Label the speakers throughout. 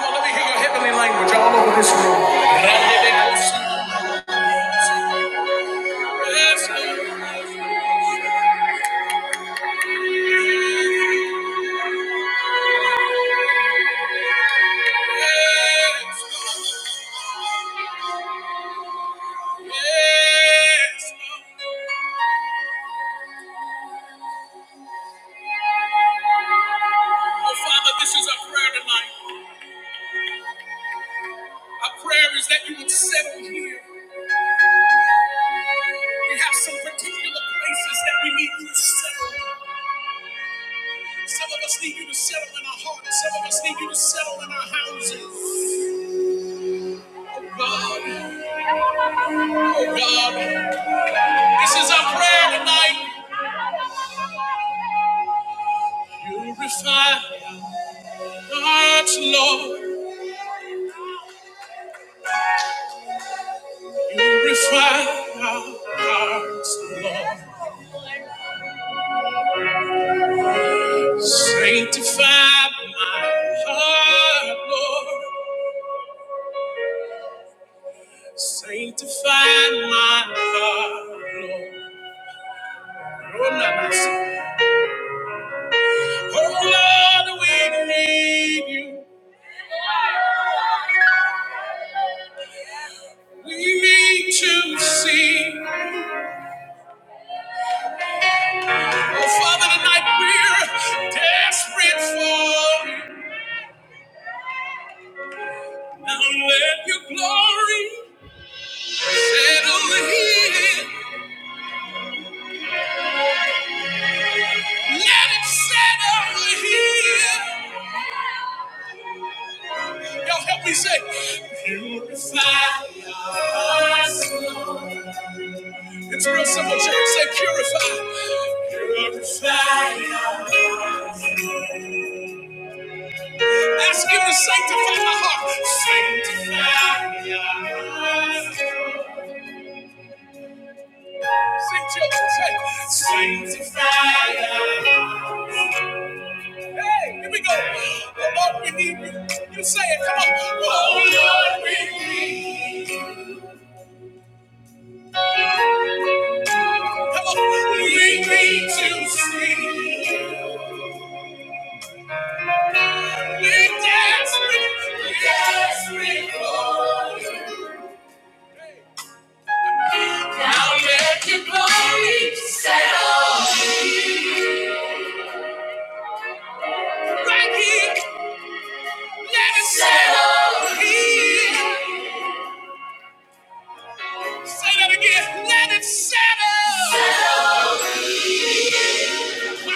Speaker 1: Let me hear your heavenly language all over this room. Yes. Oh, Father, this is our prayer tonight. Our prayer is that you would settle here. We have some particular places that we need you to settle. Some of us need you to settle in our hearts. Some of us need you to settle in our houses. Oh, God. God, this is our prayer tonight. Purify our hearts, Lord. Purify our hearts, Lord. Sanctify my heart, Lord. Sanctify my heart, Lord. Oh, no, no, no. Oh, Lord, we need you. We need to see. Oh, Father, tonight we're desperate for you. Now let your glory settle here. Let it settle here. Y'all help me say, purify us. It's real simple, church. Say, purify. Purify us. Ask him to sanctify my heart. Sanctify us. Sing, children, say, sanctify us. Hey, here we go. Oh Lord, we need you. You say it. Come on. Oh Lord, we need you. Come on. We need to see. We're desperate. We're desperate for you. Now let your glory settle. Right here. Let it settle. Here. Say that again. Let it settle. Settle. I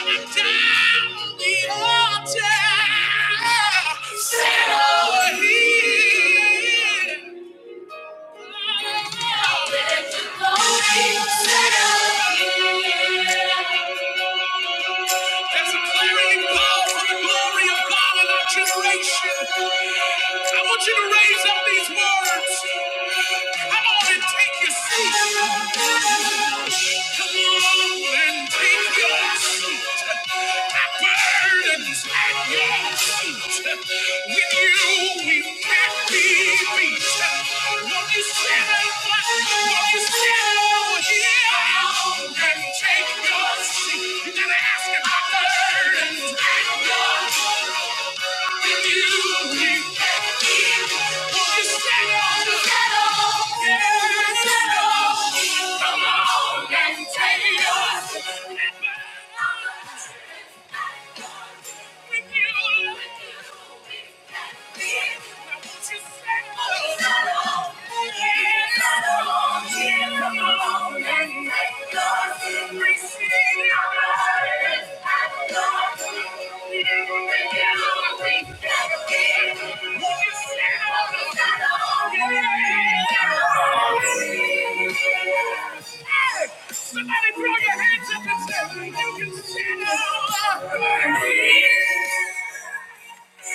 Speaker 1: want you to raise up these words. Come on and take your seat. Come on and take your seat. My burden's at your feet. With you, we can't be beat. Won't you stand up? Won't you stand over here and take your seat? You gotta ask him, my burden's at your feet. With you, we can't Come on and take Somebody throw your hands up and say, You can stand up. Somebody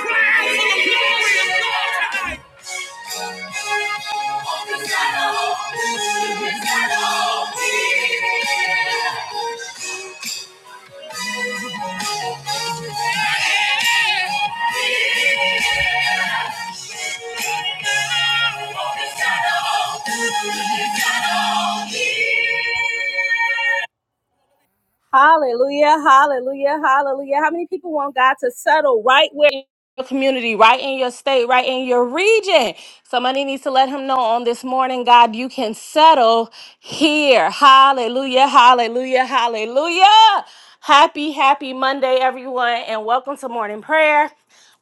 Speaker 1: cry for the glory of God. Yeah. Hallelujah, hallelujah, hallelujah. How many people want God to settle right where in your community, right in your state, right in your region? Somebody needs to let him know on this morning, God, you can settle here. Hallelujah, hallelujah, hallelujah. Happy, happy Monday, everyone, and welcome to morning prayer.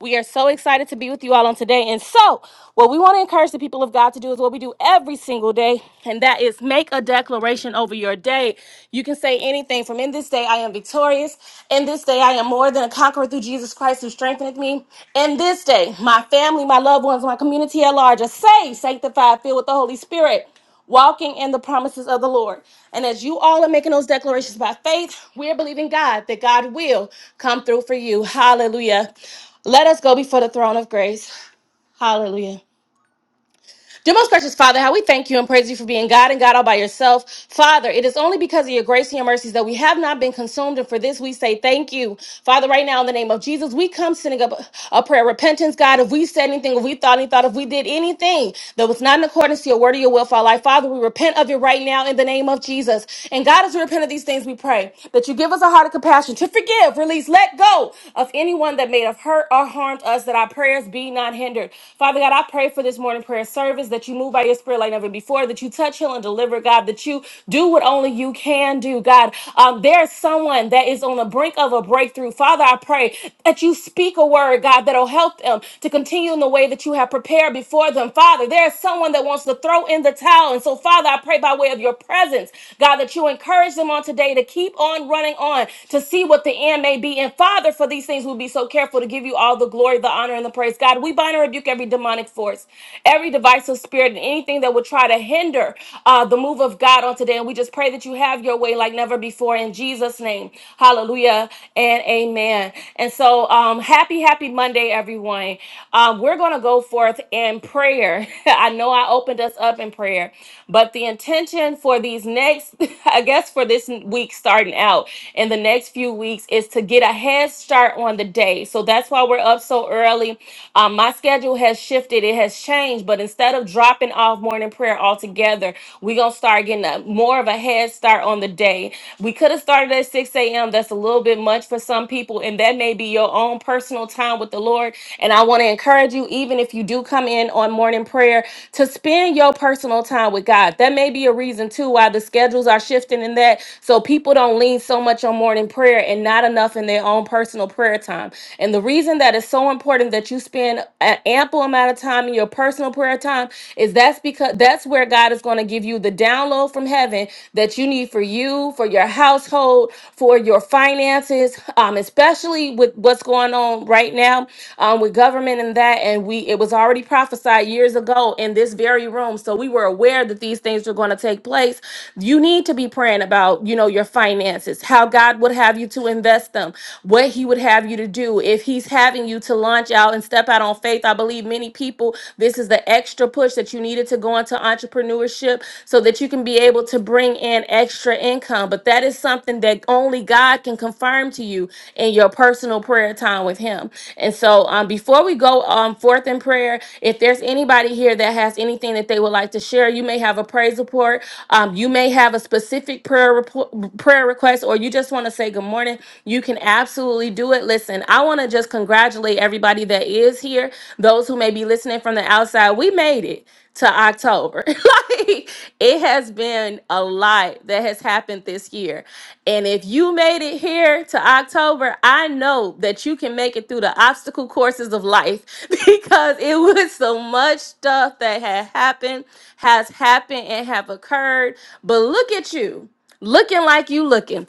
Speaker 1: We are so excited to be with you all on today. And so, what we want to encourage the people of God to do is what we do every single day, and that is make a declaration declaration over your day. You can say anything from in this day I am victorious. In this day I am more than a conqueror through Jesus Christ who strengtheneth me. In this day, my family, my loved ones, my community at large are saved, sanctified, filled with the Holy Spirit, walking in the promises of the Lord. And as you all are making those declarations by faith, we're believing God that God will come through for you. Hallelujah. Let us go before the throne of grace. Hallelujah. Dear most gracious Father, how we thank you and praise you for being God and God all by yourself. Father, it is only because of your grace and your mercies that we have not been consumed, and for this we say thank you. Father, right now in the name of Jesus, we come sending up a prayer of repentance, God. If we said anything, if we thought any thought, if we did anything that was not in accordance to your word or your will for our life, Father, we repent of it right now in the name of Jesus. And God, as we repent of these things, we pray that you give us a heart of compassion to forgive, release, let go of anyone that may have hurt or harmed us, that our prayers be not hindered. Father God, I pray for this morning prayer service service, that you move by your spirit like never before, that you touch, heal, and deliver, God, that you do what only you can do, God. Um, there's someone that is on the brink of a breakthrough. Father, I pray that you speak a word, God, that'll help them to continue in the way that you have prepared before them. Father, there's someone that wants to throw in the towel. And so, Father, I pray by way of your presence, God, that you encourage them on today to keep on running on to see what the end may be. And Father, for these things, we'll be so careful to give you all the glory, the honor, and the praise. God, we bind and rebuke every demonic force, every divine divisive spirit and anything that would try to hinder uh, the move of God on today. And we just pray that you have your way like never before in Jesus' name. Hallelujah and amen. And so, um, happy, happy Monday, everyone. Um, we're going to go forth in prayer. I know I opened us up in prayer, but the intention for these next, I guess, for this week starting out in the next few weeks is to get a head start on the day. So that's why we're up so early. Um, my schedule has shifted, it has changed, but but instead of dropping off morning prayer altogether, we're going to start getting a, more of a head start on the day. We could have started at 6 a.m. That's a little bit much for some people, and that may be your own personal time with the Lord. And I want to encourage you, even if you do come in on morning prayer, to spend your personal time with God. That may be a reason too why the schedules are shifting in that. So people don't lean so much on morning prayer and not enough in their own personal prayer time. And the reason that it's so important that you spend an ample amount of time in your personal personal prayer time is that's because that's where God is going to give you the download from heaven that you need for you, for your household, for your finances, um, especially with what's going on right now um, with government and that. And we it was already prophesied years ago in this very room, so we were aware that these things were going to take place. You need to be praying about you know your finances, how God would have you to invest them, what He would have you to do if He's having you to launch out and step out on faith. I believe many people. This is is the extra push that you needed to go into entrepreneurship so that you can be able to bring in extra income. But that is something that only God can confirm to you in your personal prayer time with Him. And so, um, before we go um, forth in prayer, if there's anybody here that has anything that they would like to share, you may have a praise report, um, you may have a specific prayer report, prayer request, or you just want to say good morning. You can absolutely do it. Listen, I want to just congratulate everybody that is here, those who may be listening from the outside outside. We made it to October. like it has been a lot that has happened this year. And if you made it here to October, I know that you can make it through the obstacle courses of life because it was so much stuff that had happened, has happened, and have occurred. But look at you. Looking like you looking.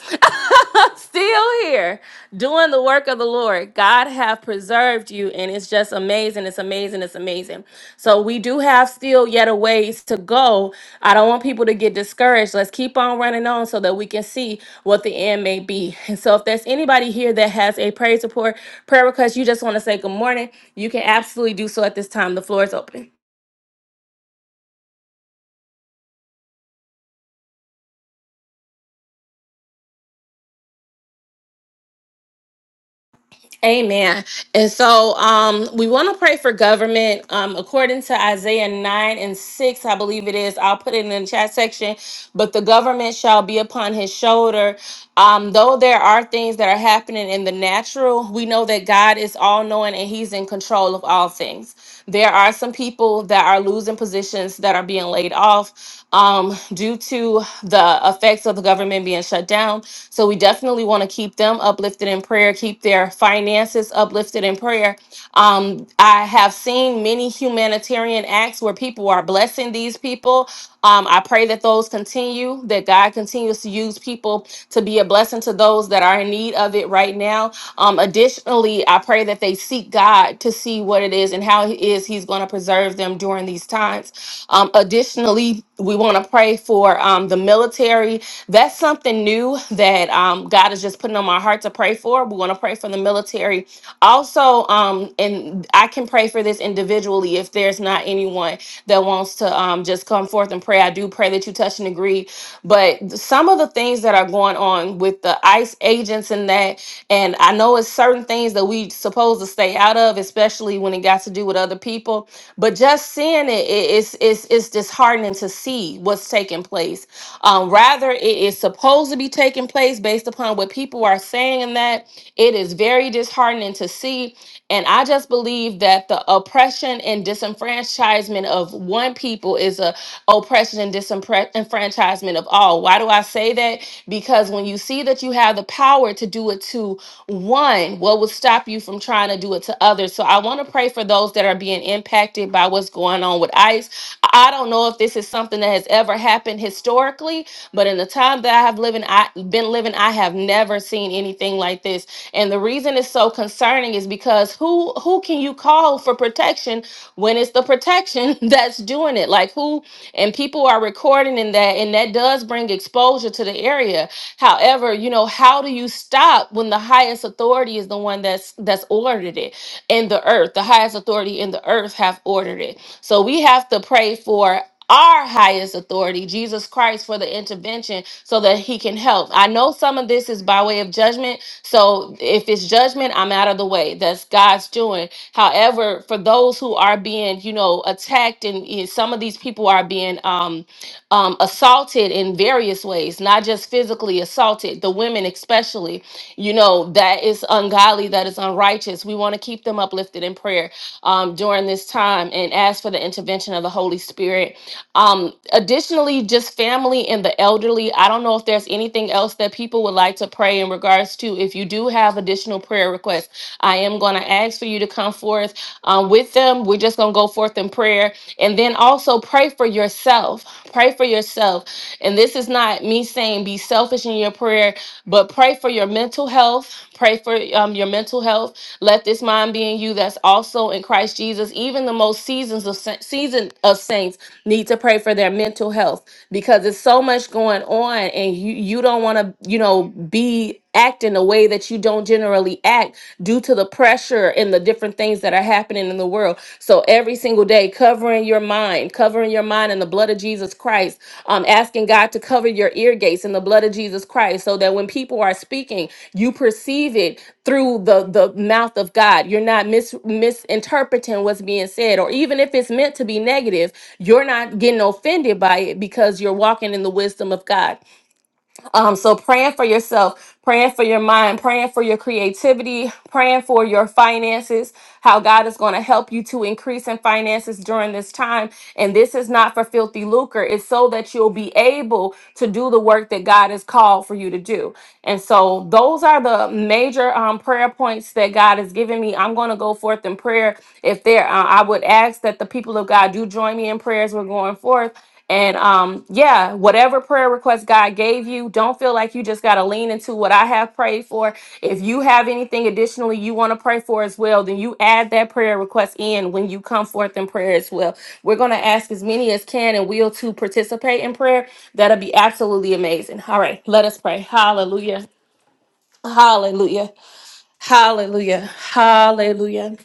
Speaker 1: Still here doing the work of the Lord. God have preserved you and it's just amazing. It's amazing. It's amazing. So we do have still yet a ways to go. I don't want people to get discouraged. Let's keep on running on so that we can see what the end may be. And so if there's anybody here that has a praise support, prayer request, you just want to say good morning, you can absolutely do so at this time. The floor is open. Amen. And so um, we want to pray for government. Um, according to Isaiah 9 and 6, I believe it is, I'll put it in the chat section. But the government shall be upon his shoulder. Um, though there are things that are happening in the natural, we know that God is all knowing and he's in control of all things. There are some people that are losing positions that are being laid off um, due to the effects of the government being shut down. So we definitely want to keep them uplifted in prayer, keep their finances uplifted in prayer. Um, I have seen many humanitarian acts where people are blessing these people. Um, I pray that those continue, that God continues to use people to be a blessing to those that are in need of it right now. Um, additionally, I pray that they seek God to see what it is and how it is He's going to preserve them during these times. Um, additionally, we want to pray for um, the military. That's something new that um, God is just putting on my heart to pray for. We want to pray for the military. Also, um, and I can pray for this individually if there's not anyone that wants to um, just come forth and pray. I do pray that you touch and agree. But some of the things that are going on with the ICE agents and that, and I know it's certain things that we supposed to stay out of, especially when it got to do with other people but just seeing it, it it's, it's it's disheartening to see what's taking place um rather it is supposed to be taking place based upon what people are saying and that it is very disheartening to see and I just believe that the oppression and disenfranchisement of one people is a oppression and disenfranchisement of all. Why do I say that? Because when you see that you have the power to do it to one, what will stop you from trying to do it to others? So I want to pray for those that are being impacted by what's going on with ICE. I don't know if this is something that has ever happened historically historically, but in the time that I have living, I been living, I have never seen anything like this. And the reason it's so concerning is because who who can you call for protection when it's the protection that's doing it? Like who and people are recording in that and that does bring exposure to the area. However, you know, how do you stop when the highest authority is the one that's that's ordered it in the earth? The highest authority in the earth have ordered it. So we have to pray for our highest authority, Jesus Christ, for the intervention so that he can help. I know some of this is by way of judgment. So if it's judgment, I'm out of the way. That's God's doing. However, for those who are being, you know, attacked and eh, some of these people are being um, um, assaulted in various ways, not just physically assaulted, the women especially, you know, that is ungodly, that is unrighteous. We want to keep them uplifted in prayer um, during this time and ask for the intervention of the Holy Spirit um, additionally, just family and the elderly. I don't know if there's anything else that people would like to pray in regards to. If you do have additional prayer requests, I am going to ask for you to come forth um, with them. We're just going to go forth in prayer and then also pray for yourself. Pray for yourself. And this is not me saying be selfish in your prayer, but pray for your mental health. Pray for um, your mental health. Let this mind be in you that's also in Christ Jesus. Even the most seasons of sa- season of saints need to pray for their mental health because there's so much going on, and you you don't want to you know be act in a way that you don't generally act due to the pressure and the different things that are happening in the world. So every single day, covering your mind, covering your mind in the blood of Jesus Christ, um, asking God to cover your ear gates in the blood of Jesus Christ, so that when people are speaking, you perceive it through the the mouth of God. You're not mis- misinterpreting what's being said, or even if it's meant to be negative, you're not getting offended by it because you're walking in the wisdom of God. Um, so praying for yourself, praying for your mind, praying for your creativity, praying for your finances, how God is going to help you to increase in finances during this time. And this is not for filthy lucre, it's so that you'll be able to do the work that God has called for you to do. And so those are the major um, prayer points that God has given me. I'm going to go forth in prayer. If there, uh, I would ask that the people of God do join me in prayers. We're going forth. And um, yeah, whatever prayer request God gave you, don't feel like you just got to lean into what I have prayed for. If you have anything additionally you want to pray for as well, then you add that prayer request in when you come forth in prayer as well. We're going to ask as many as can and will to participate in prayer. That'll be absolutely amazing. All right, let us pray. Hallelujah. Hallelujah. Hallelujah. Hallelujah.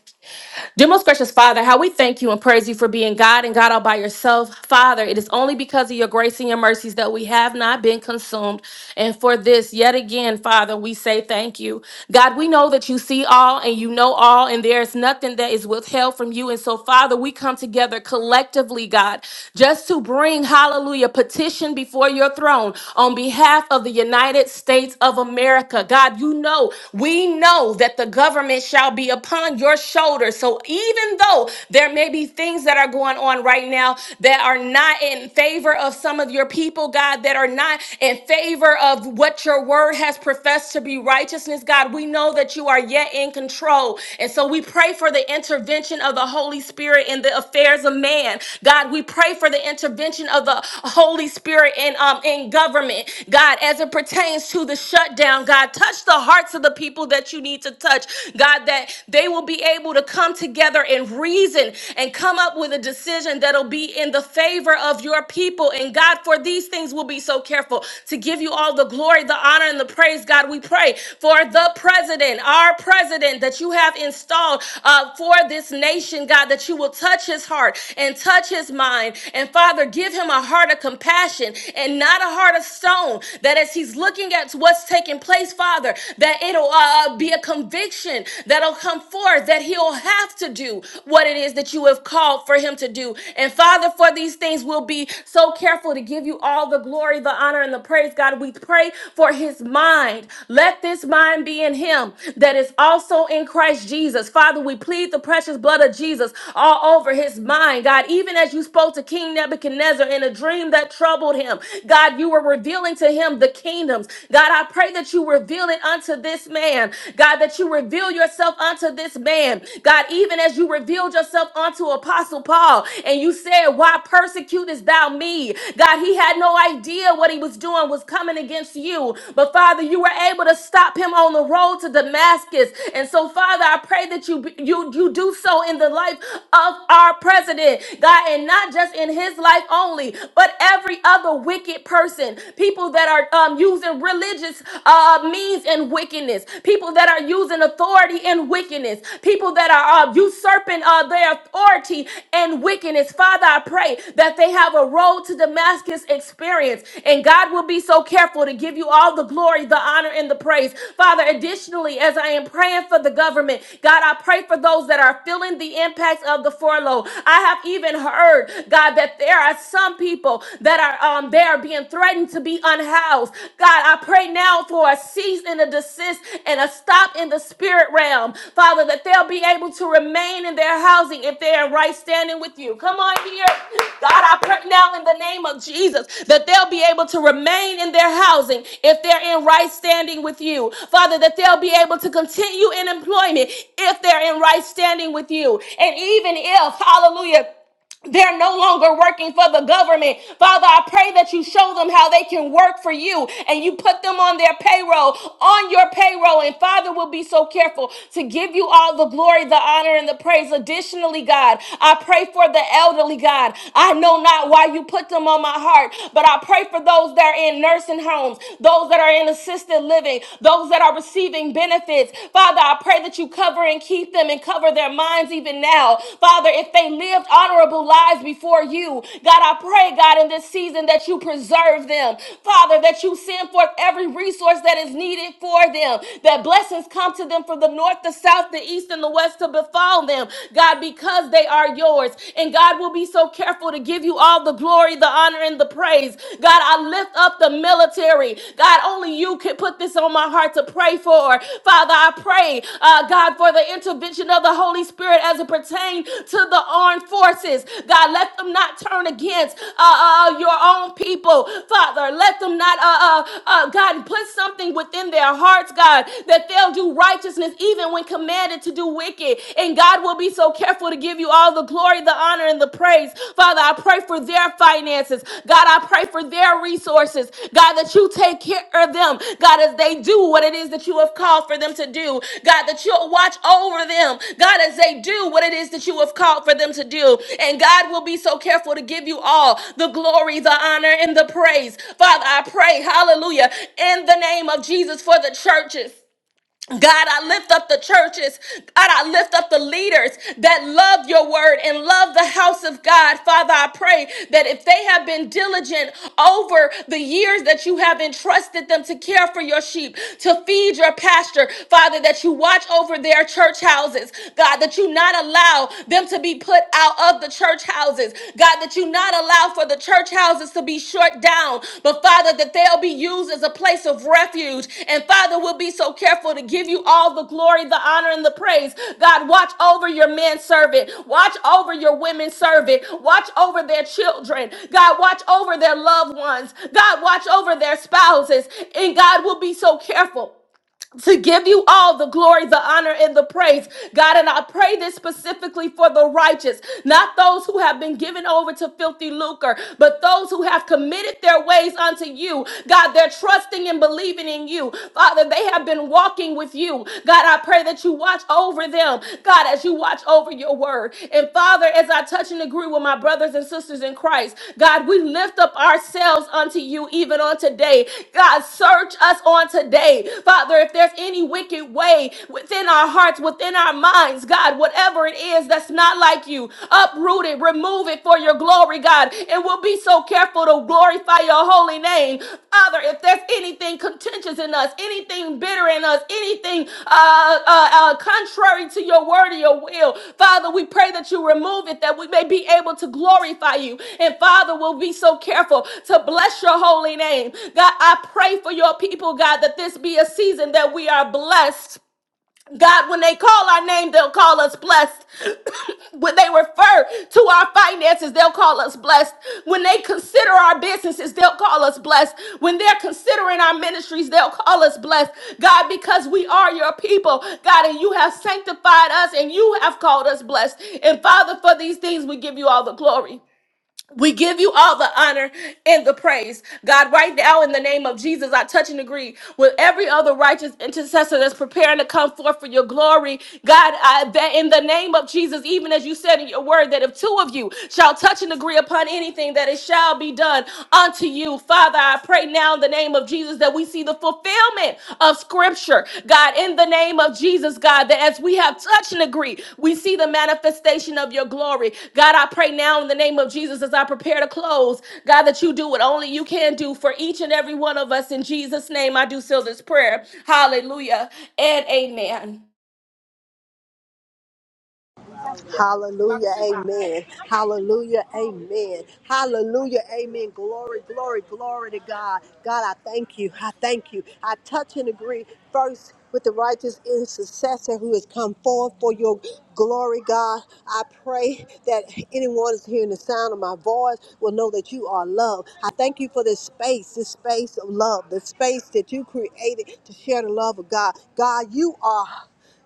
Speaker 1: Dear most gracious Father, how we thank you and praise you for being God and God all by yourself. Father, it is only because of your grace and your mercies that we have not been consumed. And for this, yet again, Father, we say thank you. God, we know that you see all and you know all, and there is nothing that is withheld from you. And so, Father, we come together collectively, God, just to bring, hallelujah, petition before your throne on behalf of the United States of America. God, you know, we know that the government shall shall be upon your shoulders. So even though there may be things that are going on right now that are not in favor of some of your people, God, that are not in favor of what your word has professed to be righteousness, God, we know that you are yet in control. And so we pray for the intervention of the Holy Spirit in the affairs of man. God, we pray for the intervention of the Holy Spirit in um in government. God, as it pertains to the shutdown, God, touch the hearts of the people people that you need to touch, God, that they will be able to come together and reason and come up with a decision that'll be in the favor of your people. And God, for these things, we'll be so careful to give you all the glory, the honor, and the praise, God. We pray for the president, our president that you have installed uh, for this nation, God, that you will touch his heart and touch his mind. And Father, give him a heart of compassion and not a heart of stone, that as he's looking at what's taking taking place, Father, that it'll uh, be a conviction that'll come forth, that he'll have to do what it is that you have called for him to do. And Father, for these things, we'll be so careful to give you all the glory, the honor, and the praise, God. We pray for his mind. Let this mind be in him that is also in Christ Jesus. Father, we plead the precious blood of Jesus all over his mind, God. Even as you spoke to King Nebuchadnezzar in a dream that troubled him, God, you were revealing to him him the kingdoms. God, I pray that you reveal it unto this man. God, that you reveal yourself unto this man. God, even as you revealed yourself unto Apostle Paul and you said, Why persecutest thou me? God, he had no idea what he was doing was coming against you. But Father, you were able to stop him on the road to Damascus. And so, Father, I pray that you you you do so in the life of our president, God, and not just in his life only, but every other a wicked person. People that are um, using religious uh, means in wickedness. People that are using authority in wickedness. People that are uh, usurping uh, their authority in wickedness. Father, I pray that they have a road to Damascus experience. And God will be so careful to give you all the glory, the honor, and the praise. Father, additionally, as I am praying for the government, God, I pray for those that are feeling the impacts of the furlough. I have even heard, God, that there are are some people that are um, they are being threatened to be unhoused. God, I pray now for a cease and a desist and a stop in the spirit realm, Father, that they'll be able to remain in their housing if they're in right standing with you. Come on here. God, I pray now in the name of Jesus that they'll be able to remain in their housing if they're in right standing with you. Father, that they'll be able to continue in employment if they're in right standing with you. And even if, hallelujah. They're no longer working for the government. Father, I pray that you show them how they can work for you and you put them on their payroll, on your payroll. And Father, will be so careful to give you all the glory, the honor, and the praise. Additionally, God, I pray for the elderly, God. I know not why you put them on my heart, but I pray for those that are in nursing homes, those that are in assisted living, those that are receiving benefits. Father, Father, I pray that you cover and keep them and cover their minds even now. Father, if they lived honorable lives before you, God, I pray, God, in this season that you preserve them. Father, that you send forth every resource that is needed for them, that blessings come to them from the north, the south, the east, and the west to befall them, God, because they are yours. And God will be so careful to give you all the glory, the honor, and the praise. God, I lift lift up the military. God, only you can put this on my heart to pray for. Father, I pray, uh, God, for the intervention of the Holy Spirit as it pertains to the armed forces. God, let them not turn against uh, uh, uh, your own people, Father. Let them not, uh, uh, uh, God, put something within their hearts, God, that they'll do righteousness even when commanded to do wicked. And God will be so careful to give you all all the glory, the honor, and the praise. Father, I pray for their finances. God, I pray for their resources. God, that you take care of them. God, as they do what it is that you have called for them to do. God, that you'll watch over them. God, as they do what it is that you have called for them to do. And God will be so careful to give you all the glory, the honor, and the praise. Father, I pray, hallelujah, in the name of Jesus for the churches. God, I lift up the churches. God, I lift up the leaders that love your word and love the house of God. Father, I pray that if they have been diligent over the years that you have entrusted them to care for your sheep, to feed your pasture, Father, that you watch over their church houses. God, that you not allow them to be put out of the church houses. God, God, that you not allow for the church houses to be short down, but Father, that they'll be used as a place of refuge. And Father, we'll be so careful to give you all the glory, the honor, and the praise. God, watch over your men servant, watch over your women servant, watch over their children. God, watch over their loved ones. God, watch over their spouses. And God will be so careful to give you all the glory, the honor, and the praise, God. And I pray this specifically for the righteous, not those who have been given over to filthy lucre, but those who have committed their ways unto you, God. They're trusting and believing in you, Father. They have been walking with you, God. I pray that you watch over them, God, as you watch over your word. And Father, as I touch and agree with my brothers and sisters in Christ, God, we lift up ourselves unto you even on today. God, search us on today. Father, if there's any wicked way within our hearts, within our minds, God, whatever it is that's not like you, uproot it, remove it for your glory, God. And we'll be so careful to glorify your holy holy name. Father, if there's anything contentious in us, anything bitter in us, anything uh, uh, uh, contrary to your word or your will, Father, we pray that you remove it that we may be able to glorify you. And Father, we'll be so careful to bless your holy name. God, I pray for your people, God, that this be a season that we are blessed God, when they call our name, they'll call us blessed. when they refer to our finances, they'll call us blessed. When they consider our businesses, they'll call us blessed. When they're considering our ministries, they'll call us blessed. God, because we are your people, God, and you have sanctified us and you have called us blessed. And Father, for these things, we give you all the glory. We give you all the honor and the praise. God, right now, in the name of Jesus, I touch and agree with every other righteous intercessor that's preparing to come forth for your glory. God, I, that in the name of Jesus, even as you said in your word, that if two of you shall touch and agree upon anything, that it shall be done unto you. Father, I pray now in the name of Jesus. Jesus, that we see the fulfillment of scripture, God, in the name of Jesus, God, that as we have touched and agreed, we see the manifestation of your glory. God, I pray now in the name of Jesus as I prepare to close, God, that you do what only you can do for each and every one of us. In Jesus' name, I do seal this prayer. Hallelujah and amen.
Speaker 2: Hallelujah, amen. Hallelujah, amen. Hallelujah, amen. Glory, glory, glory to God. God, I thank you. I thank you. I touch and agree first with the righteous intercessor who has come forth for your glory, God. I pray that anyone is hearing the sound of my voice will know that you are love. I thank you for this space, this space of love, the space that you created to share the love of God. God, you are.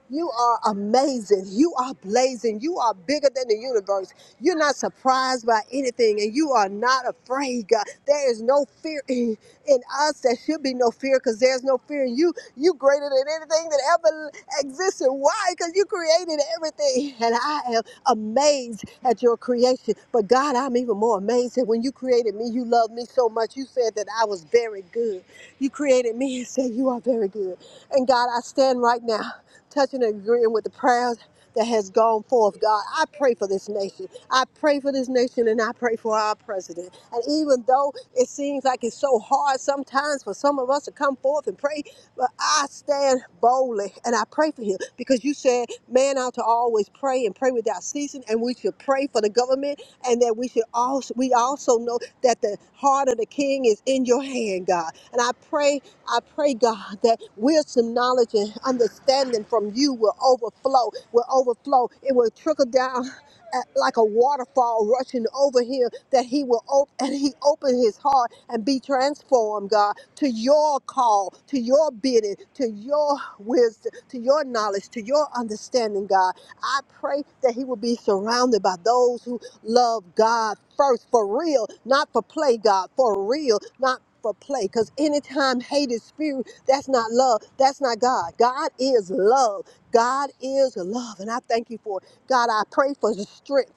Speaker 2: You are amazing. You are blazing. You are bigger than the universe. You're not surprised by anything and you are not afraid, God. There is no fear in, in us. There should be no fear because there's no fear in you. You greater than anything that ever existed. Why? Because you created everything. And I am amazed at your creation. But God, I'm even more amazed that when you created me, you loved me so much. You said that I was very good. You created me and said you are very good. And God, I stand right now touching and agreeing with the prayers that has gone forth, God. I pray for this nation. I pray for this nation and I pray for our president. And even though it seems like it's so hard sometimes for some of us to come forth and pray, but I stand boldly and I pray for him because you said, man ought to always pray and pray without ceasing and we should pray for the government and that we should also, we also know that the heart of the king is in your hand, God. And I pray I pray, God, that wisdom, knowledge, and understanding from you will overflow, will overflow. It will trickle down at, like a waterfall rushing over him, that he will op- and he open his heart and be transformed, God, to your call, to your bidding, to your wisdom, to your knowledge, to your understanding, God. I pray that he will be surrounded by those who love God first for real, not for play, God, for real, not for play. Because anytime hate is spirit, that's not love. That's not God. God is love. God is love. And I thank you for it. God, I pray for the strength.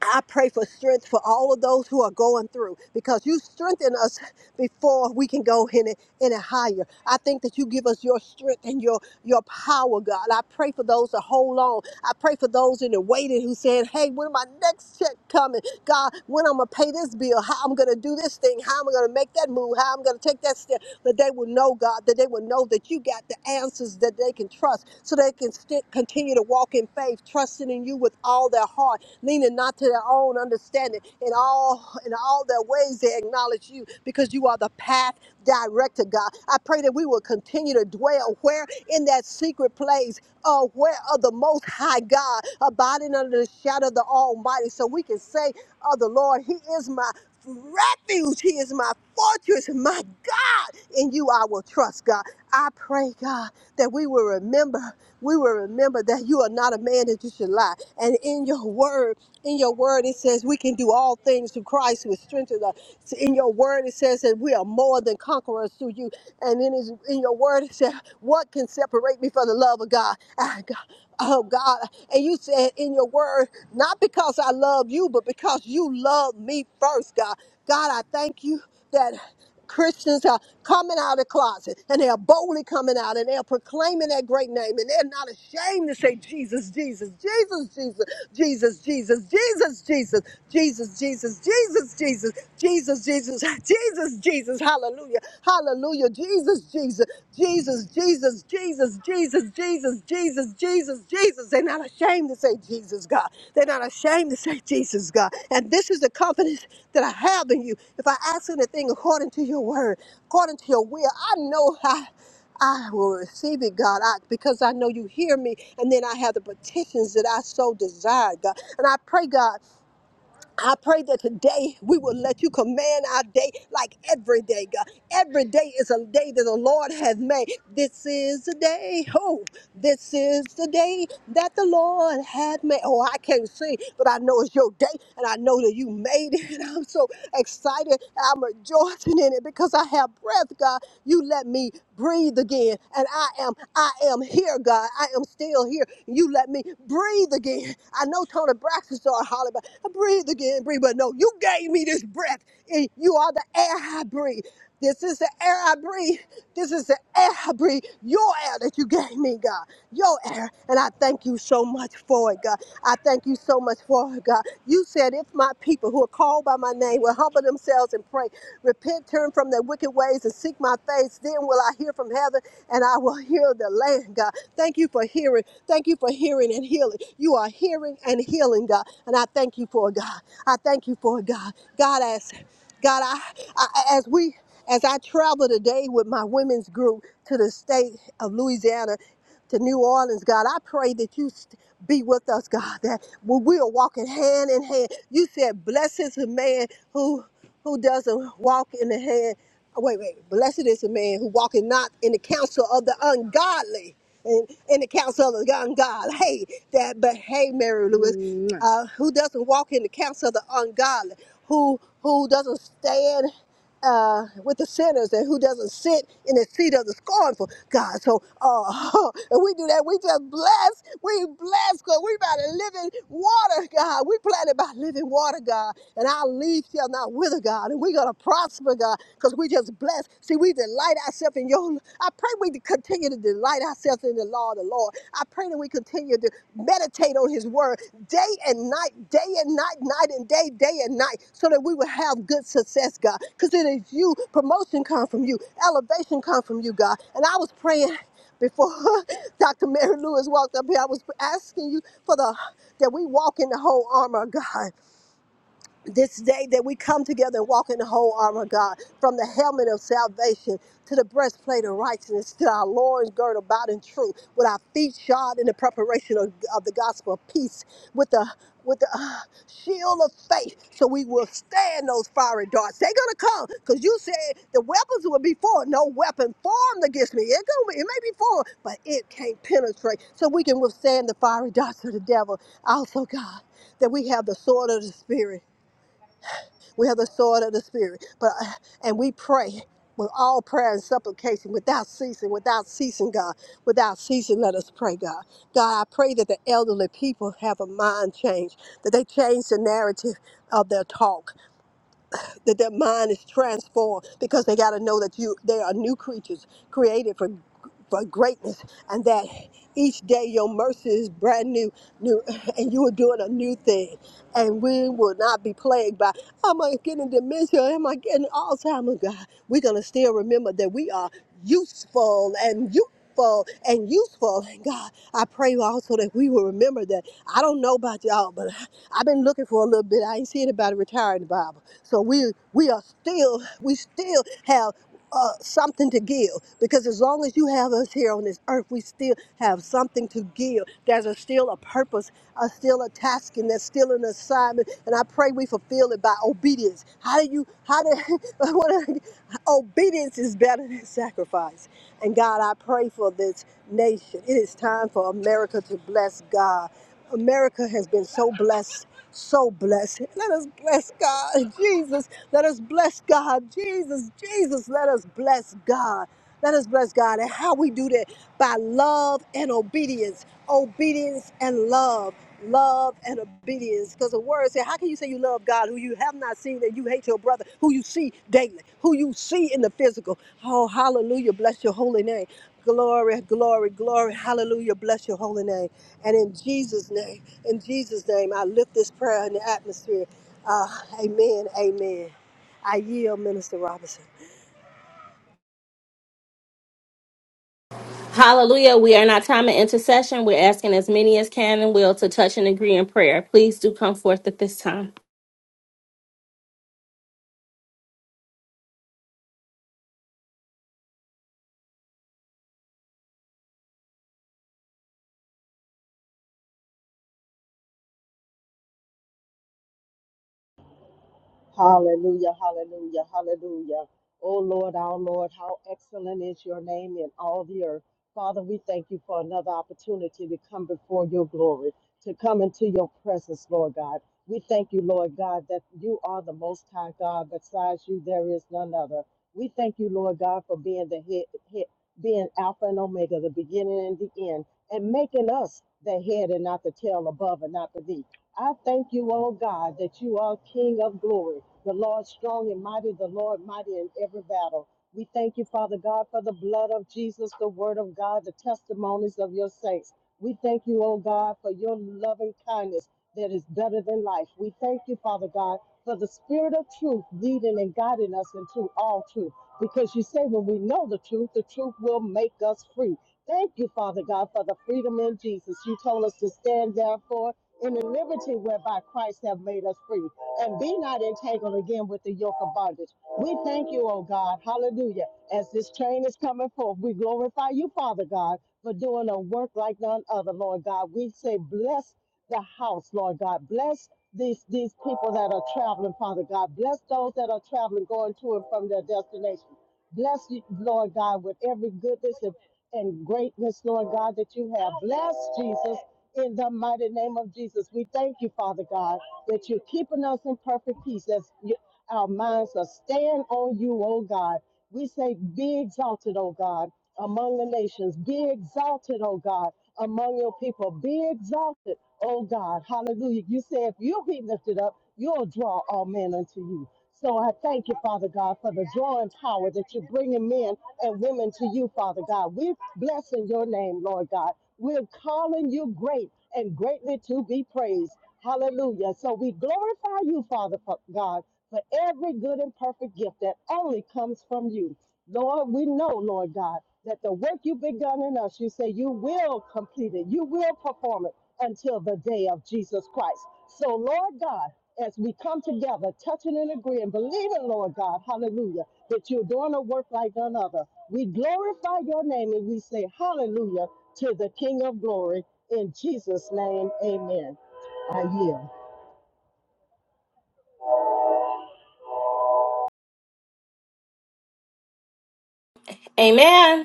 Speaker 2: I pray for strength for all of those who are going through because you strengthen us before we can go any, any higher. I think that you give us your strength and your, your power, God. I pray for those that hold on. I pray for those in the waiting who said, hey, when my next check coming? God, when I'm going to pay this bill, how I'm going to do this thing, how I'm going to make that move, how I'm going to take that step, that they will know, God, that they will know that you got the answers that they can trust so they can st- continue to walk in faith, trusting in you with all their heart leaning not to their own understanding. In all in all their ways they acknowledge you because you are the path director, God. I pray that we will continue to dwell where in that secret place, uh, where of the most high God, abiding under the shadow of the Almighty, so we can say of the Lord, He is my refuge. He is my fortress, my God. In you I will trust, God. I pray, God, that we will remember, we will remember that you are not a man that you should lie. And in your word, in your word, it says we can do all things through Christ who strengthens us. So In your word, it says that we are more than conquerors through you. And in, his, in your word, it says, What can separate me from the love of God? Ah, God? Oh God, and you said in your word, not because I love you, but because you love me first, God. God, I thank you that Christians are coming out of the closet and they're boldly coming out and they're proclaiming that great name and they're not ashamed to say Jesus, Jesus, Jesus, Jesus, Jesus, Jesus, Jesus, Jesus, Jesus, Jesus, Jesus, Jesus, Jesus, Jesus, Jesus, Jesus, hallelujah. Hallelujah. Jesus, Jesus, Jesus, Jesus, Jesus, Jesus, Jesus, Jesus, Jesus, Jesus. They're not ashamed to say Jesus, God. They're not ashamed to say Jesus, God. And this is the confidence that I have in you. If I ask anything according to your word, according to your will, I know I, I will receive it, God, I, because I know you hear me. And then I have the petitions that I so desire, God. And I pray, God. I pray that today we will let you command our day like every day, God. Every day is a day that the Lord has made. This is the day. Oh, this is the day that the Lord has made. Oh, I can't sing, but I know it's your day, and I know that you made it. And I'm so excited. I'm rejoicing in it because I have breath, God. You let me breathe again, and I am, I am here, God. I am still here. You let me breathe again breathe again. I know Tony Braxton started hollering, but I breathe again, breathe. But no, you gave me this breath. And you are the air I breathe. This is the air I breathe. This is the air I breathe. Your air that you gave me, God. Your air. And I thank you so much for it, God. I thank you so much for it, God. You said, if my people who are called by my name will humble themselves and pray, repent, turn from their wicked ways, and seek my face, then will I hear from heaven and I will heal the land, God. God. Thank you for hearing. Thank you for hearing and healing. You are hearing and healing, God. And I thank you for it, God. I thank you for it, God. God, as God, I, I as we as I travel today with my women's group to the state of Louisiana to New Orleans, God. I pray that you st- be with us, God, that we we are walking hand in hand. You said, Blessed is the man who who doesn't walk in the hand oh, wait, wait. Blessed is the man who walketh not in the counsel of the ungodly, and in the counsel of the ungodly. Hey, that, but hey, Mary Lewis, Mwah. uh, who doesn't walk in the counsel of the ungodly, who who doesn't stand uh, with the sinners, and who doesn't sit in the seat of the scornful. God, so uh, if we do that, we just bless. We bless because we by the living water, God. We planted by living water, God, and our leaves shall not wither out with her, God, and we're going to prosper, God, because we just blessed. See, we delight ourselves in your. I pray we continue to delight ourselves in the law of the Lord. I pray that we continue to meditate on his word day and night, day and night, night and day, day and night, so that we will have good success, God. Because it is you. Promotion comes from you. Elevation comes from you, God. And I was praying before Dr. Mary Lewis walked up here. I was asking you for the that we walk in the whole armor of God this day that we come together and walk in the whole armor of God, from the helmet of salvation to the breastplate of righteousness to our loins girded about in truth, with our feet shod in the preparation of, of the gospel of peace, with the with the uh, shield of faith, so we will stand those fiery darts. They're gonna come, cause you said the weapons will be formed. No weapon formed against me. It gonna be, it may be formed, but it can't penetrate. So we can withstand the fiery darts of the devil. Also, God, that we have the sword of the spirit we have the sword of the spirit. But uh, and we pray with all prayer and supplication, without ceasing, without ceasing, God, without ceasing, let us pray, God. God, I pray that the elderly people have a mind change, that they change the narrative of their talk, that their mind is transformed because they got to know that you they are new creatures created for for greatness and that each day your mercy is brand new new and you are doing a new thing and we will not be plagued by, am I getting dementia? Am I getting Alzheimer's? God, we're going to still remember that we are useful and youthful And useful, and God, I pray also that we will remember that. I don't know about y'all, but I- I've been looking for a little bit. I ain't seen anybody retire in the Bible, so we we are still we still have uh, something to give because as long as you have us here on this earth, we still have something to give. There's a, still a purpose, a, still a task, and there's still an assignment, and I pray we fulfill it by obedience. How do you, how do, I wanna- obedience is better than sacrifice. And God, I pray for this nation. It is time for America to bless God. America has been so blessed. So bless him. Let us bless God. Jesus, let us bless God. Jesus, Jesus, let us bless God. Let us bless God. And how we do that? By love and obedience. Obedience and love. Love and obedience. Because the word said, How can you say you love God who you have not seen and you hate your brother, who you see daily, who you see in the physical? Oh, hallelujah. Bless your holy name. Glory, glory, glory. Hallelujah. Bless your holy name. And in Jesus' name, in Jesus' name, I lift this prayer in the atmosphere. Uh, amen. Amen. I yield, Minister Robinson.
Speaker 1: Hallelujah. We are in our time of intercession. We're asking as many as can and will to touch and agree in prayer. Please do come forth at this time.
Speaker 3: Hallelujah, hallelujah, hallelujah. Oh Lord, our Lord, how excellent is your name in all the earth. Father, we thank you for another opportunity to come before your glory, to come into your presence, Lord God. We thank you, Lord God, that you are the most high God. Besides you, there is none other. We thank you, Lord God, for being the head, head being Alpha and Omega, the beginning and the end, and making us the head and not the tail, above and not beneath. I thank you, oh God, that you are King of glory. The Lord strong and mighty, the Lord mighty in every battle. We thank you, Father God, for the blood of Jesus, the word of God, the testimonies of your saints. We thank you, oh God, for your loving kindness that is better than life. We thank you, Father God, for the spirit of truth leading and guiding us into all truth. Because you say when we know the truth, the truth will make us free. Thank you, Father God, for the freedom in Jesus. You told us to stand therefore in the liberty whereby Christ have made us free and be not entangled again with the yoke of bondage. We thank you, oh God. Hallelujah. As this train is coming forth, we glorify you, Father God, for doing a work like none other, Lord God. We say, bless the house, Lord God. Bless these, these people that are traveling, Father God. Bless those that are traveling, going to and from their destination. Bless you, Lord God, with every goodness and, and greatness, Lord God, that you have. Bless Jesus in the mighty name of Jesus. We thank you, Father God that you're keeping us in perfect peace. That's you- our minds are staying on you, oh God. We say, be exalted, oh God, among the nations. Be exalted, oh God, among your people. Be exalted, oh God. Hallelujah. You say, if you be lifted up, you'll draw all men unto you. So I thank you, Father God, for the drawing power that you're bringing men and women to you, Father God. We're blessing your name, Lord God. We're calling you great and greatly to be praised. Hallelujah. So we glorify you, Father for- God, for every good and perfect gift that only comes from you. Lord, we know, Lord God, that the work you've begun in us, you say you will complete it, you will perform it until the day of Jesus Christ. So, Lord God, as we come together, touching and agreeing, believing, Lord God, hallelujah, that you're doing a work like none other. We glorify your name and we say hallelujah to the King of glory. In Jesus' name, amen. I yield.
Speaker 1: Amen.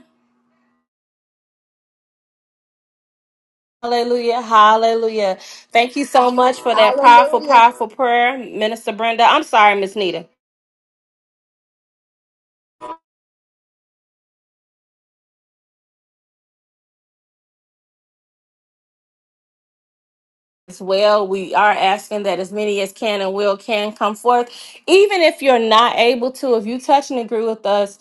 Speaker 1: Hallelujah. Hallelujah. Thank you so much for that powerful,
Speaker 2: Hallelujah.
Speaker 1: powerful prayer, Minister Brenda. I'm sorry, Miss Nita. as well. We are asking that as many as can and will can come forth. Even if you're not able to, if you touch and agree with us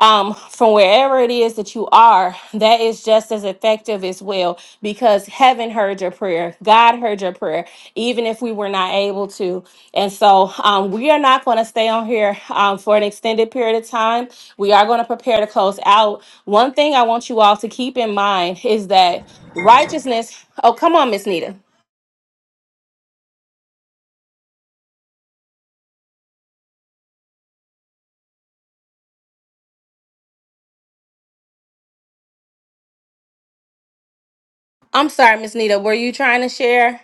Speaker 1: um, from wherever it is that you are, that is just as effective as well because heaven heard your prayer. God heard your prayer, even if we were not able to. And so um, we are not going to stay on here um, for an extended period of time. We are going to prepare to close out. One thing I want you all to keep in mind is that righteousness. Oh, come on, Miss Nita. I'm sorry, Miss Nita, were you trying to share?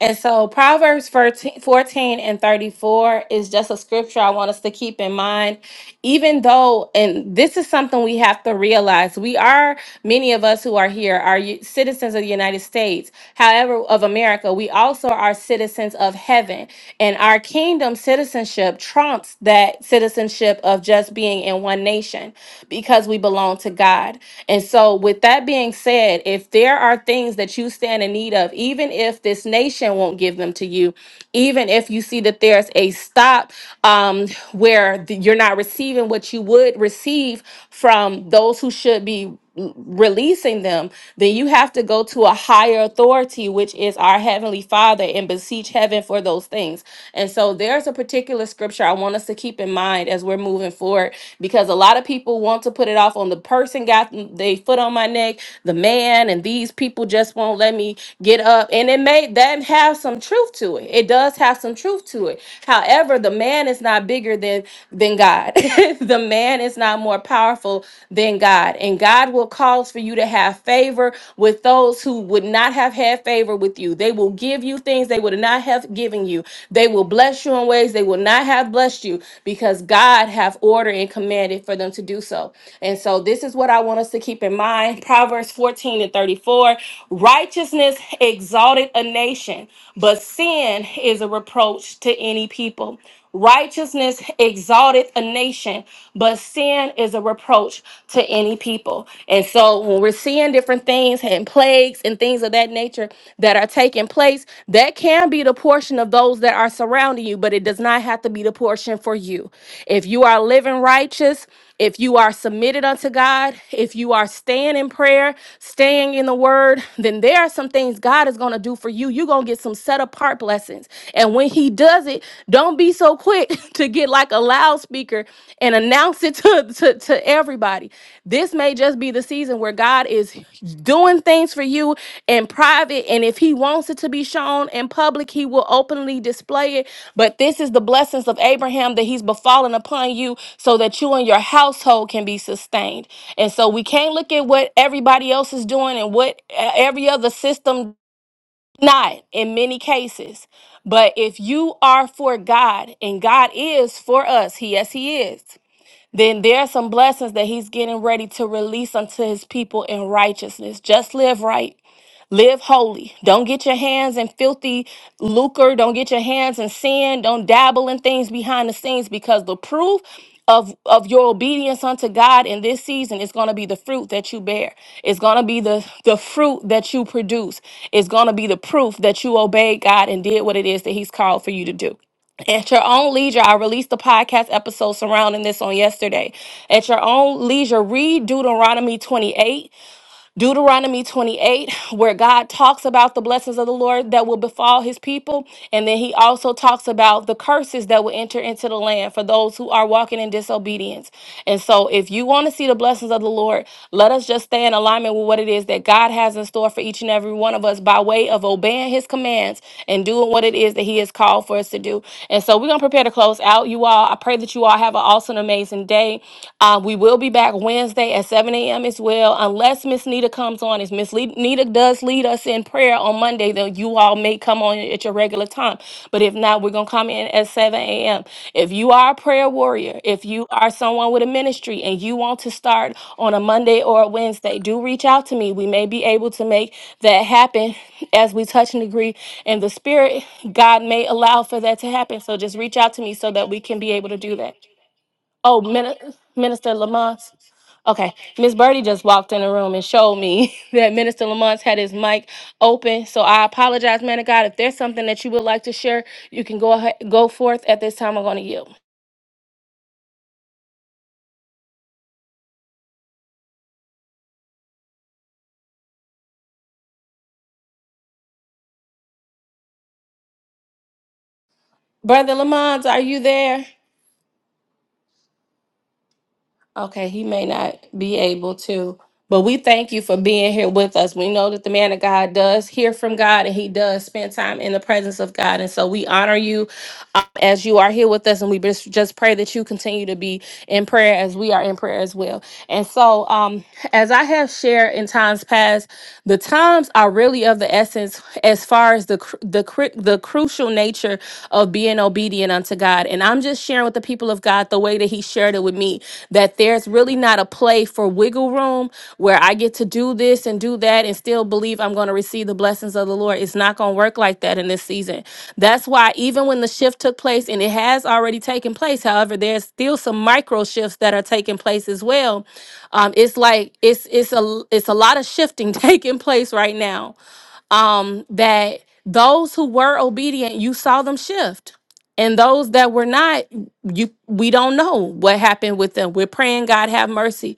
Speaker 1: And so Proverbs 14, fourteen and 34 is just a scripture I want us to keep in mind. Even though, and this is something we have to realize, we are, many of us who are here, are u- citizens of the United States, however, of America, we also are citizens of heaven. And our kingdom citizenship trumps that citizenship of just being in one nation because we belong to God. And so, with that being said, if there are things that you stand in need of, even if this nation won't give them to you, even if you see that there's a stop um, where th- you're not receiving what you would receive from those who should be releasing them, then you have to go to a higher authority, which is our Heavenly Father, and beseech heaven for those things. And so there's a particular scripture I want us to keep in mind as we're moving forward because a lot of people want to put it off on the person got their foot on my neck, the man, and these people just won't let me get up. And it may that have some truth to it. It does have some truth to it. However, the man is not bigger than than God. the man man is not more powerful than God. And God will cause for you to have favor with those who would not have had favor with you. They will give you things they would not have given you. They will bless you in ways they will not have blessed you because God have ordered and commanded for them to do so. And so this is what I want us to keep in mind. Proverbs 14 and 34. Righteousness exalted a nation, but sin is a reproach to any people. Righteousness exalteth a nation, but sin is a reproach to any people. And so when we're seeing different things and plagues and things of that nature that are taking place, that can be the portion of those that are surrounding you, but it does not have to be the portion for you. If you are living righteous, if you are submitted unto God, if you are staying in prayer, staying in the word, then there are some things God is going to do for you. You're going to get some set apart blessings blessings. And when he does it, don't be so quick to get like a loudspeaker and announce it to, to, to everybody. This may just be the season where God is doing things for you in private. And if he wants it to be shown in public, he will openly display it. But this is the blessings of Abraham that he's befallen upon you so that you and your household can be sustained. And so we can't look at what everybody else is doing and what uh, every other system not in many cases. But if you are for God and God is for us, He, yes, He is, then there are some blessings that He's getting ready to release unto His people in righteousness. Just live right. Live holy. Don't get your hands in filthy lucre. Don't get your hands in sin. Don't dabble in things behind the scenes because the proof of, of your obedience unto God in this season is going to be the fruit that you bear. It's going to be the, the fruit that you produce. It's going to be the proof that you obeyed God and did what it is that He's called for you to do. At your own leisure, I released the podcast episode surrounding this on yesterday. At your own leisure, read Deuteronomy 28 Deuteronomy 28, where God talks about the blessings of the Lord that will befall his people. And then he also talks about the curses that will enter into the land for those who are walking in disobedience. And so, if you want to see the blessings of the Lord, let us just stay in alignment with what it is that God has in store for each and every one of us by way of obeying his commands and doing what it is that he has called for us to do. And so, we're going to prepare to close out, you all. I pray that you all have an awesome, amazing day. Uh, we will be back back Wednesday at 7 a.m. as well. Unless Miss Nita comes on, if Miss Le- Nita does lead us in prayer on Monday, then you all may come on at your regular time. But if not, we're going to come in at 7 a.m. If you are a prayer warrior, if you are someone with a ministry and you want to start on a Monday or a Wednesday, do reach out to me. We may be able to make that happen as we touch and agree in the spirit. God may allow for that to happen. So just reach out to me so that we can be able to do that. Oh, Min- Minister Lamont. Okay, Miss Birdie just walked in the room and showed me that Minister Lamont's had his mic open. So I apologize, man of God. If there's something that you would like to share, you can go ahead, go forth at this time. I'm going to yield. Brother Lamont, are you there? Okay, he may not be able to, but we thank you for being here with us. We know that the man of God does hear from God and he does spend time in the presence of God. And so we honor you um, as you are here with us. And we just, just pray that you continue to be in prayer as we are in prayer as well. And so, um, as I have shared in times past, the times are really of the essence as far as the, cru- the, cru- the crucial nature of being being obedient unto God. And I'm just sharing with the people of God the way that He shared it with me that there's really not a play for wiggle room where I get to do this and do that and still believe I'm going to receive the blessings of the Lord. It's not going to work like that in this season. That's why, even when the shift took place, and it has already taken place, however, there's still some micro shifts that are taking place as well. Um, it's like it's it's a it's a lot of shifting taking place right now um, that those who were obedient, you saw them shift. And those that were not, you we don't know what happened with them. We're praying God have mercy.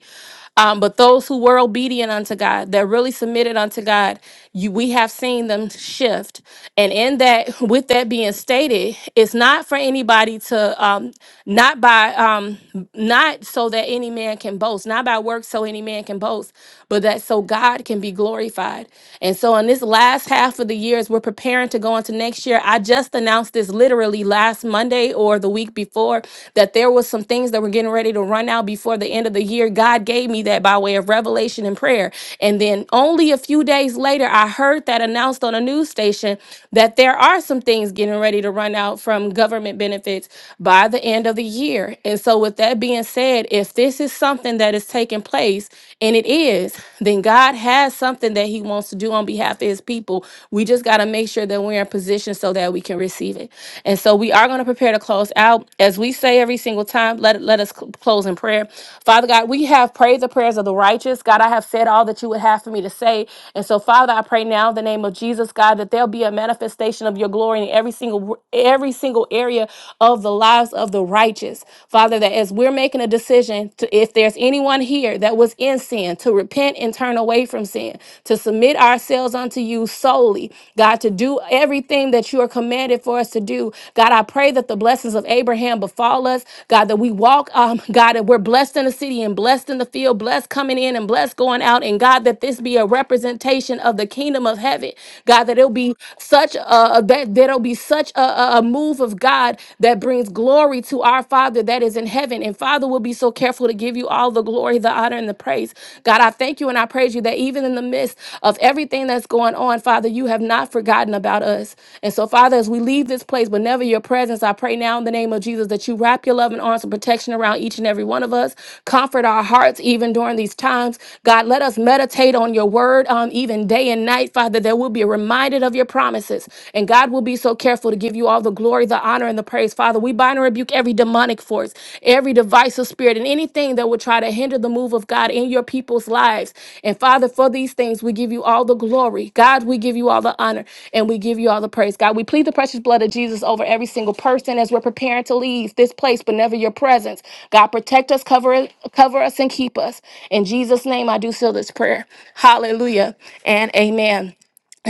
Speaker 1: Um, but those who were obedient unto God, that really submitted unto God, you, we have seen them shift. And in that, with that being stated, it's not for anybody to um, not by um, not so that any man can boast, not by works so any man can boast, but that so God can be glorified. And so, in this last half of the year, as we're preparing to go into next year, I just announced this literally last Monday or the week before before that there was some things that were getting ready to run out before the end of the year. God gave me that by way of revelation and prayer. And then only a few days later, I heard that announced on a news station that there are some things getting ready to run out from government benefits by the end of the year. And so, with that being said, if this is something that is taking place, and it is, then God has something that He wants to do on behalf of His people. We just got to make sure that we're in we're in position so that we can receive it. And so we are going to prepare to close out. As we say every single time, let, let us cl- close in prayer. Father God, we have prayed the prayers of the righteous. God, I have said all that you would have for me to say. And so, Father, I pray now in the name of Jesus, God, that there'll be a manifestation of your glory in every single every single area of the lives of the righteous. Father, that as we're making a decision, to, if there's anyone here that was in sin, to repent and turn away away from sin, to submit ourselves unto you solely, God, to do everything that you are commanded for us to do. God, I pray that the blessings of Abraham befall us, God, that we walk, um, God, that we're blessed in the city and blessed in the field, blessed coming in and blessed going out, and God, that this be a representation of the kingdom of heaven, God, that it'll be such a that there'll be such a, a a move of God that brings glory to our Father that is in heaven, and Father will be be so careful to give you all the glory, the honor, and the praise. God, I thank you and I praise you that even in the midst of everything that's going on, Father, you have not forgotten about us. And so, Father, as we leave this place, but never your presence, I pray now in the name of Jesus that you wrap your love and arms of protection around each and every one of us. Comfort our hearts even during these times. God, let us meditate on your word um, even day and night, Father, that we'll be reminded of your promises. And God will be so careful to give you all the glory glory, the honor, and the praise. Father, we bind and rebuke every demonic force, every divisive spirit, and anything that would try to hinder the move of God in your people's lives. And Father, for these things, we give you all the glory. God, we give you all the honor and we give you all the praise. God, we plead the precious blood of Jesus over every single person as we're preparing to leave this place, but never your presence. God, protect us, cover, cover us, and keep us. In Jesus' name, I do seal this prayer. Hallelujah and amen.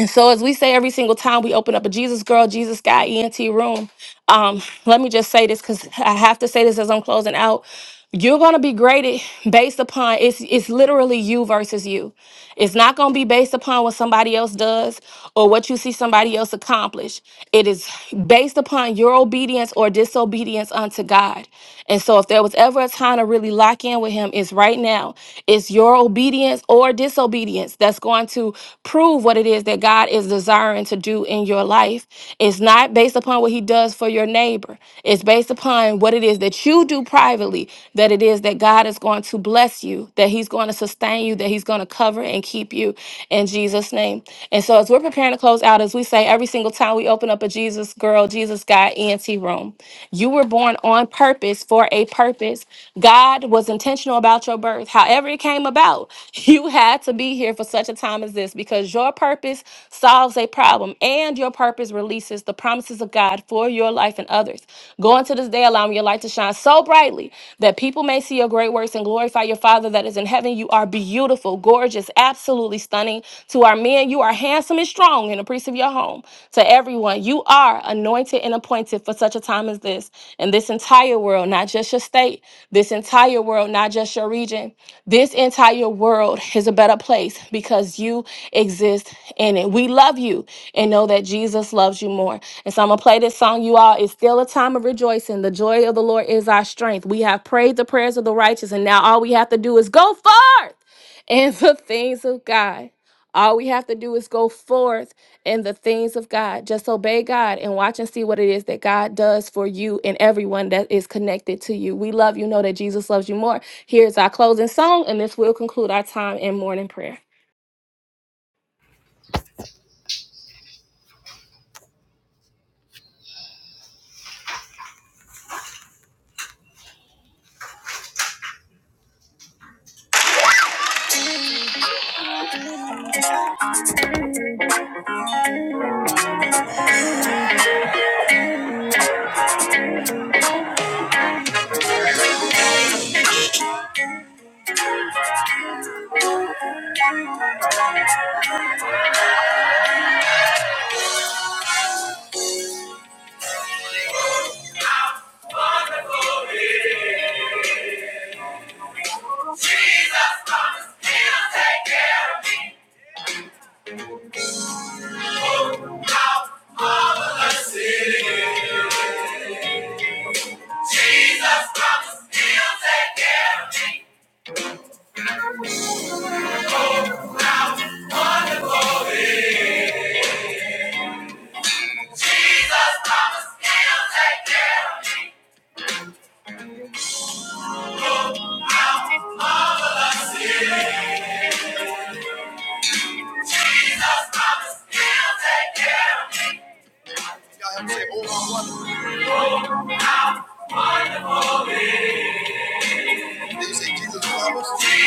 Speaker 1: And so, as we say every single time we open up a Jesus Girl, Jesus Guy ENT room, um, let me just say this because I have to say this as I'm closing out. You're gonna be graded based upon it's it's literally you versus you. It's not gonna be based upon what somebody else does or what you see somebody else accomplish. It is based upon your obedience or disobedience unto God. And so if there was ever a time to really lock in with him, it's right now. It's your obedience or disobedience that's going to prove what it is that God is desiring to do in your life. It's not based upon what He does for your neighbor, it's based upon what it is that you do privately, that it is that God is going to bless you, that He's going to sustain you, that He's going to cover and keep you in Jesus' name. And so, as we're preparing to close out, as we say every single time we open up a Jesus Girl, Jesus Guy ENT room, you were born on purpose for a purpose. God was intentional about your birth. However, it came about, you had to be here for such a time as this because your purpose solves a problem and your purpose releases the promises of God for your life and others. Go into this day, allowing your light to shine so brightly that people may see your great works and glorify your Father that is in heaven. You are beautiful, gorgeous, absolutely stunning. To our men, you are handsome and strong in appreciation gates of your home to everyone. You are anointed and appointed for such a time as this. And this entire world, not just your state, this entire world, not just your region, this entire world is a better place because you exist in it. We love you and know that Jesus loves you more. And so I'm going to play this song, you all. It's still a time of rejoicing. The joy of the Lord is our strength. We have prayed the prayers of the righteous, and now all we have to do is go forth in the things of God. All we have to do is go forth in the things of God. Just obey God and watch and see what it is that God does for you and everyone that is connected to you. We love you. Know that Jesus loves you more. Here's our closing song, and this will conclude our time in morning prayer. Jesus! promised He'll take care of me. Oh, how marvelous it is. Jesus comes, he'll take care of me. Oh, how wonderful Jesus comes, he'll take care of me. Jesus comes, he'll take care of me. Y'all have to say, oh, how wonderful. They say Jesus promised, he'll take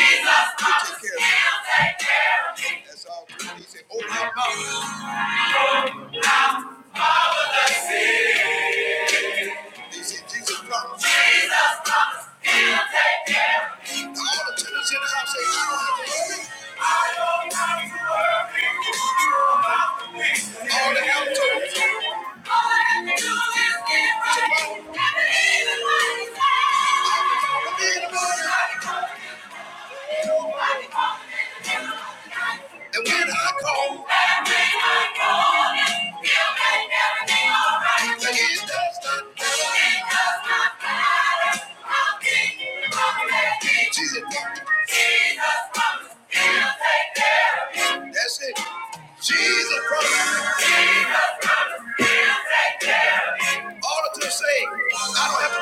Speaker 1: care of me. That's all. They say, oh, my wonderful. They say Jesus promised. All the tenants in the house say, I don't have to worry. I don't have to worry about the things that All the help to them. All I have to do is get right. Tomorrow. And believe in what he said. I can call him in the morning. I can call him in the morning. I can call him in the morning. And when I call, and when I call, he'll make everything all right. And it does not matter. It does not matter. I'll keep I'll keep. Jesus promised he'll take care of you. That's it. Jesus promised. Jesus promised he'll take care of you. All of them say, I don't have to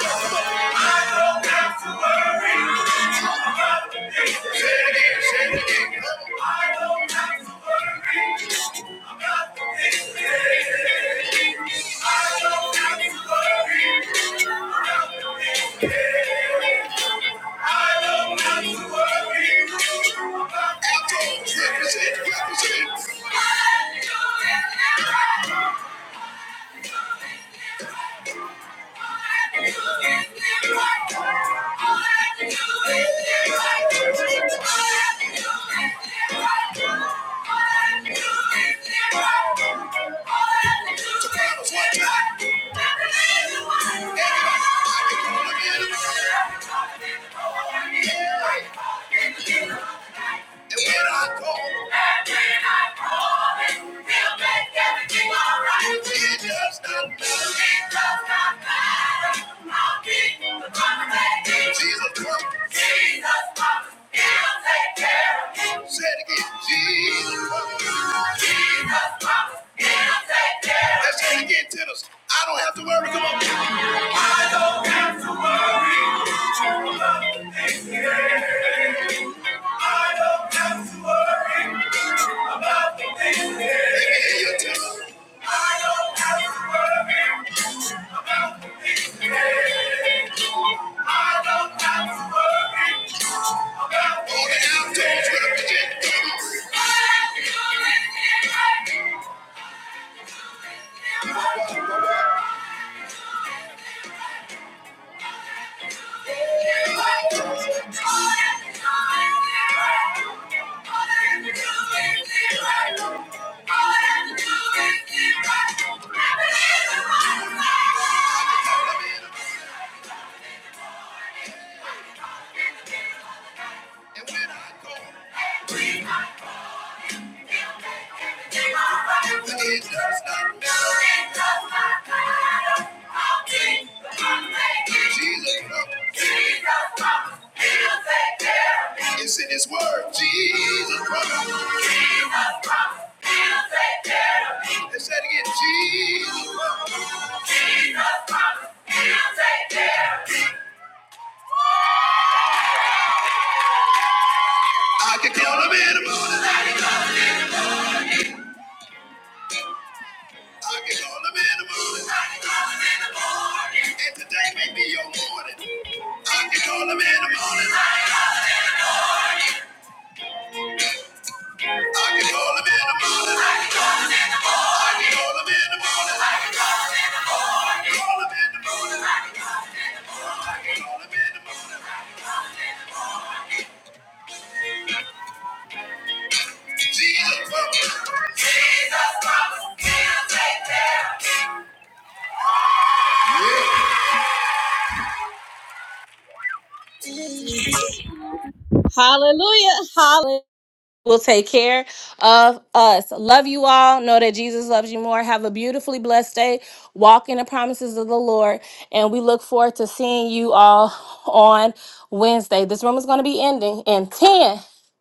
Speaker 1: Represent, represent. Everybody, I can do it. And when I call, and when I call he'll make everything all right. It does not matter. It does not matter. I'll keep the promise that he Jesus promised. Jesus promised. He'll take care of him. Say it again. Let's get it again, tenors. I don't have to worry. Come on. I don't have to worry. about the things today. I don't have to worry about the things today. Thank you. Jesus, Jesus, he'll take care of me. Jesus Christ, Jesus Christ, He'll take care of me. Jesus Christ, He'll take care of me. All of it, Jesus Christ, Jesus Christ, He'll take care of me. Hallelujah. Hallelujah. will take care of us. Love you all. Know that Jesus loves you more. Have a beautifully blessed day. Walk in the promises of the Lord. And we look forward to seeing you all on Wednesday. This room is going to be ending in ten,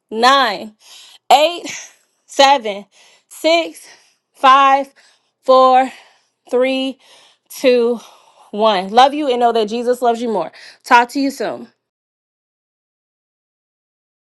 Speaker 1: nine, eight, seven, six, five, four, three, two, one. Love you and know that Jesus loves you more. Talk to you soon.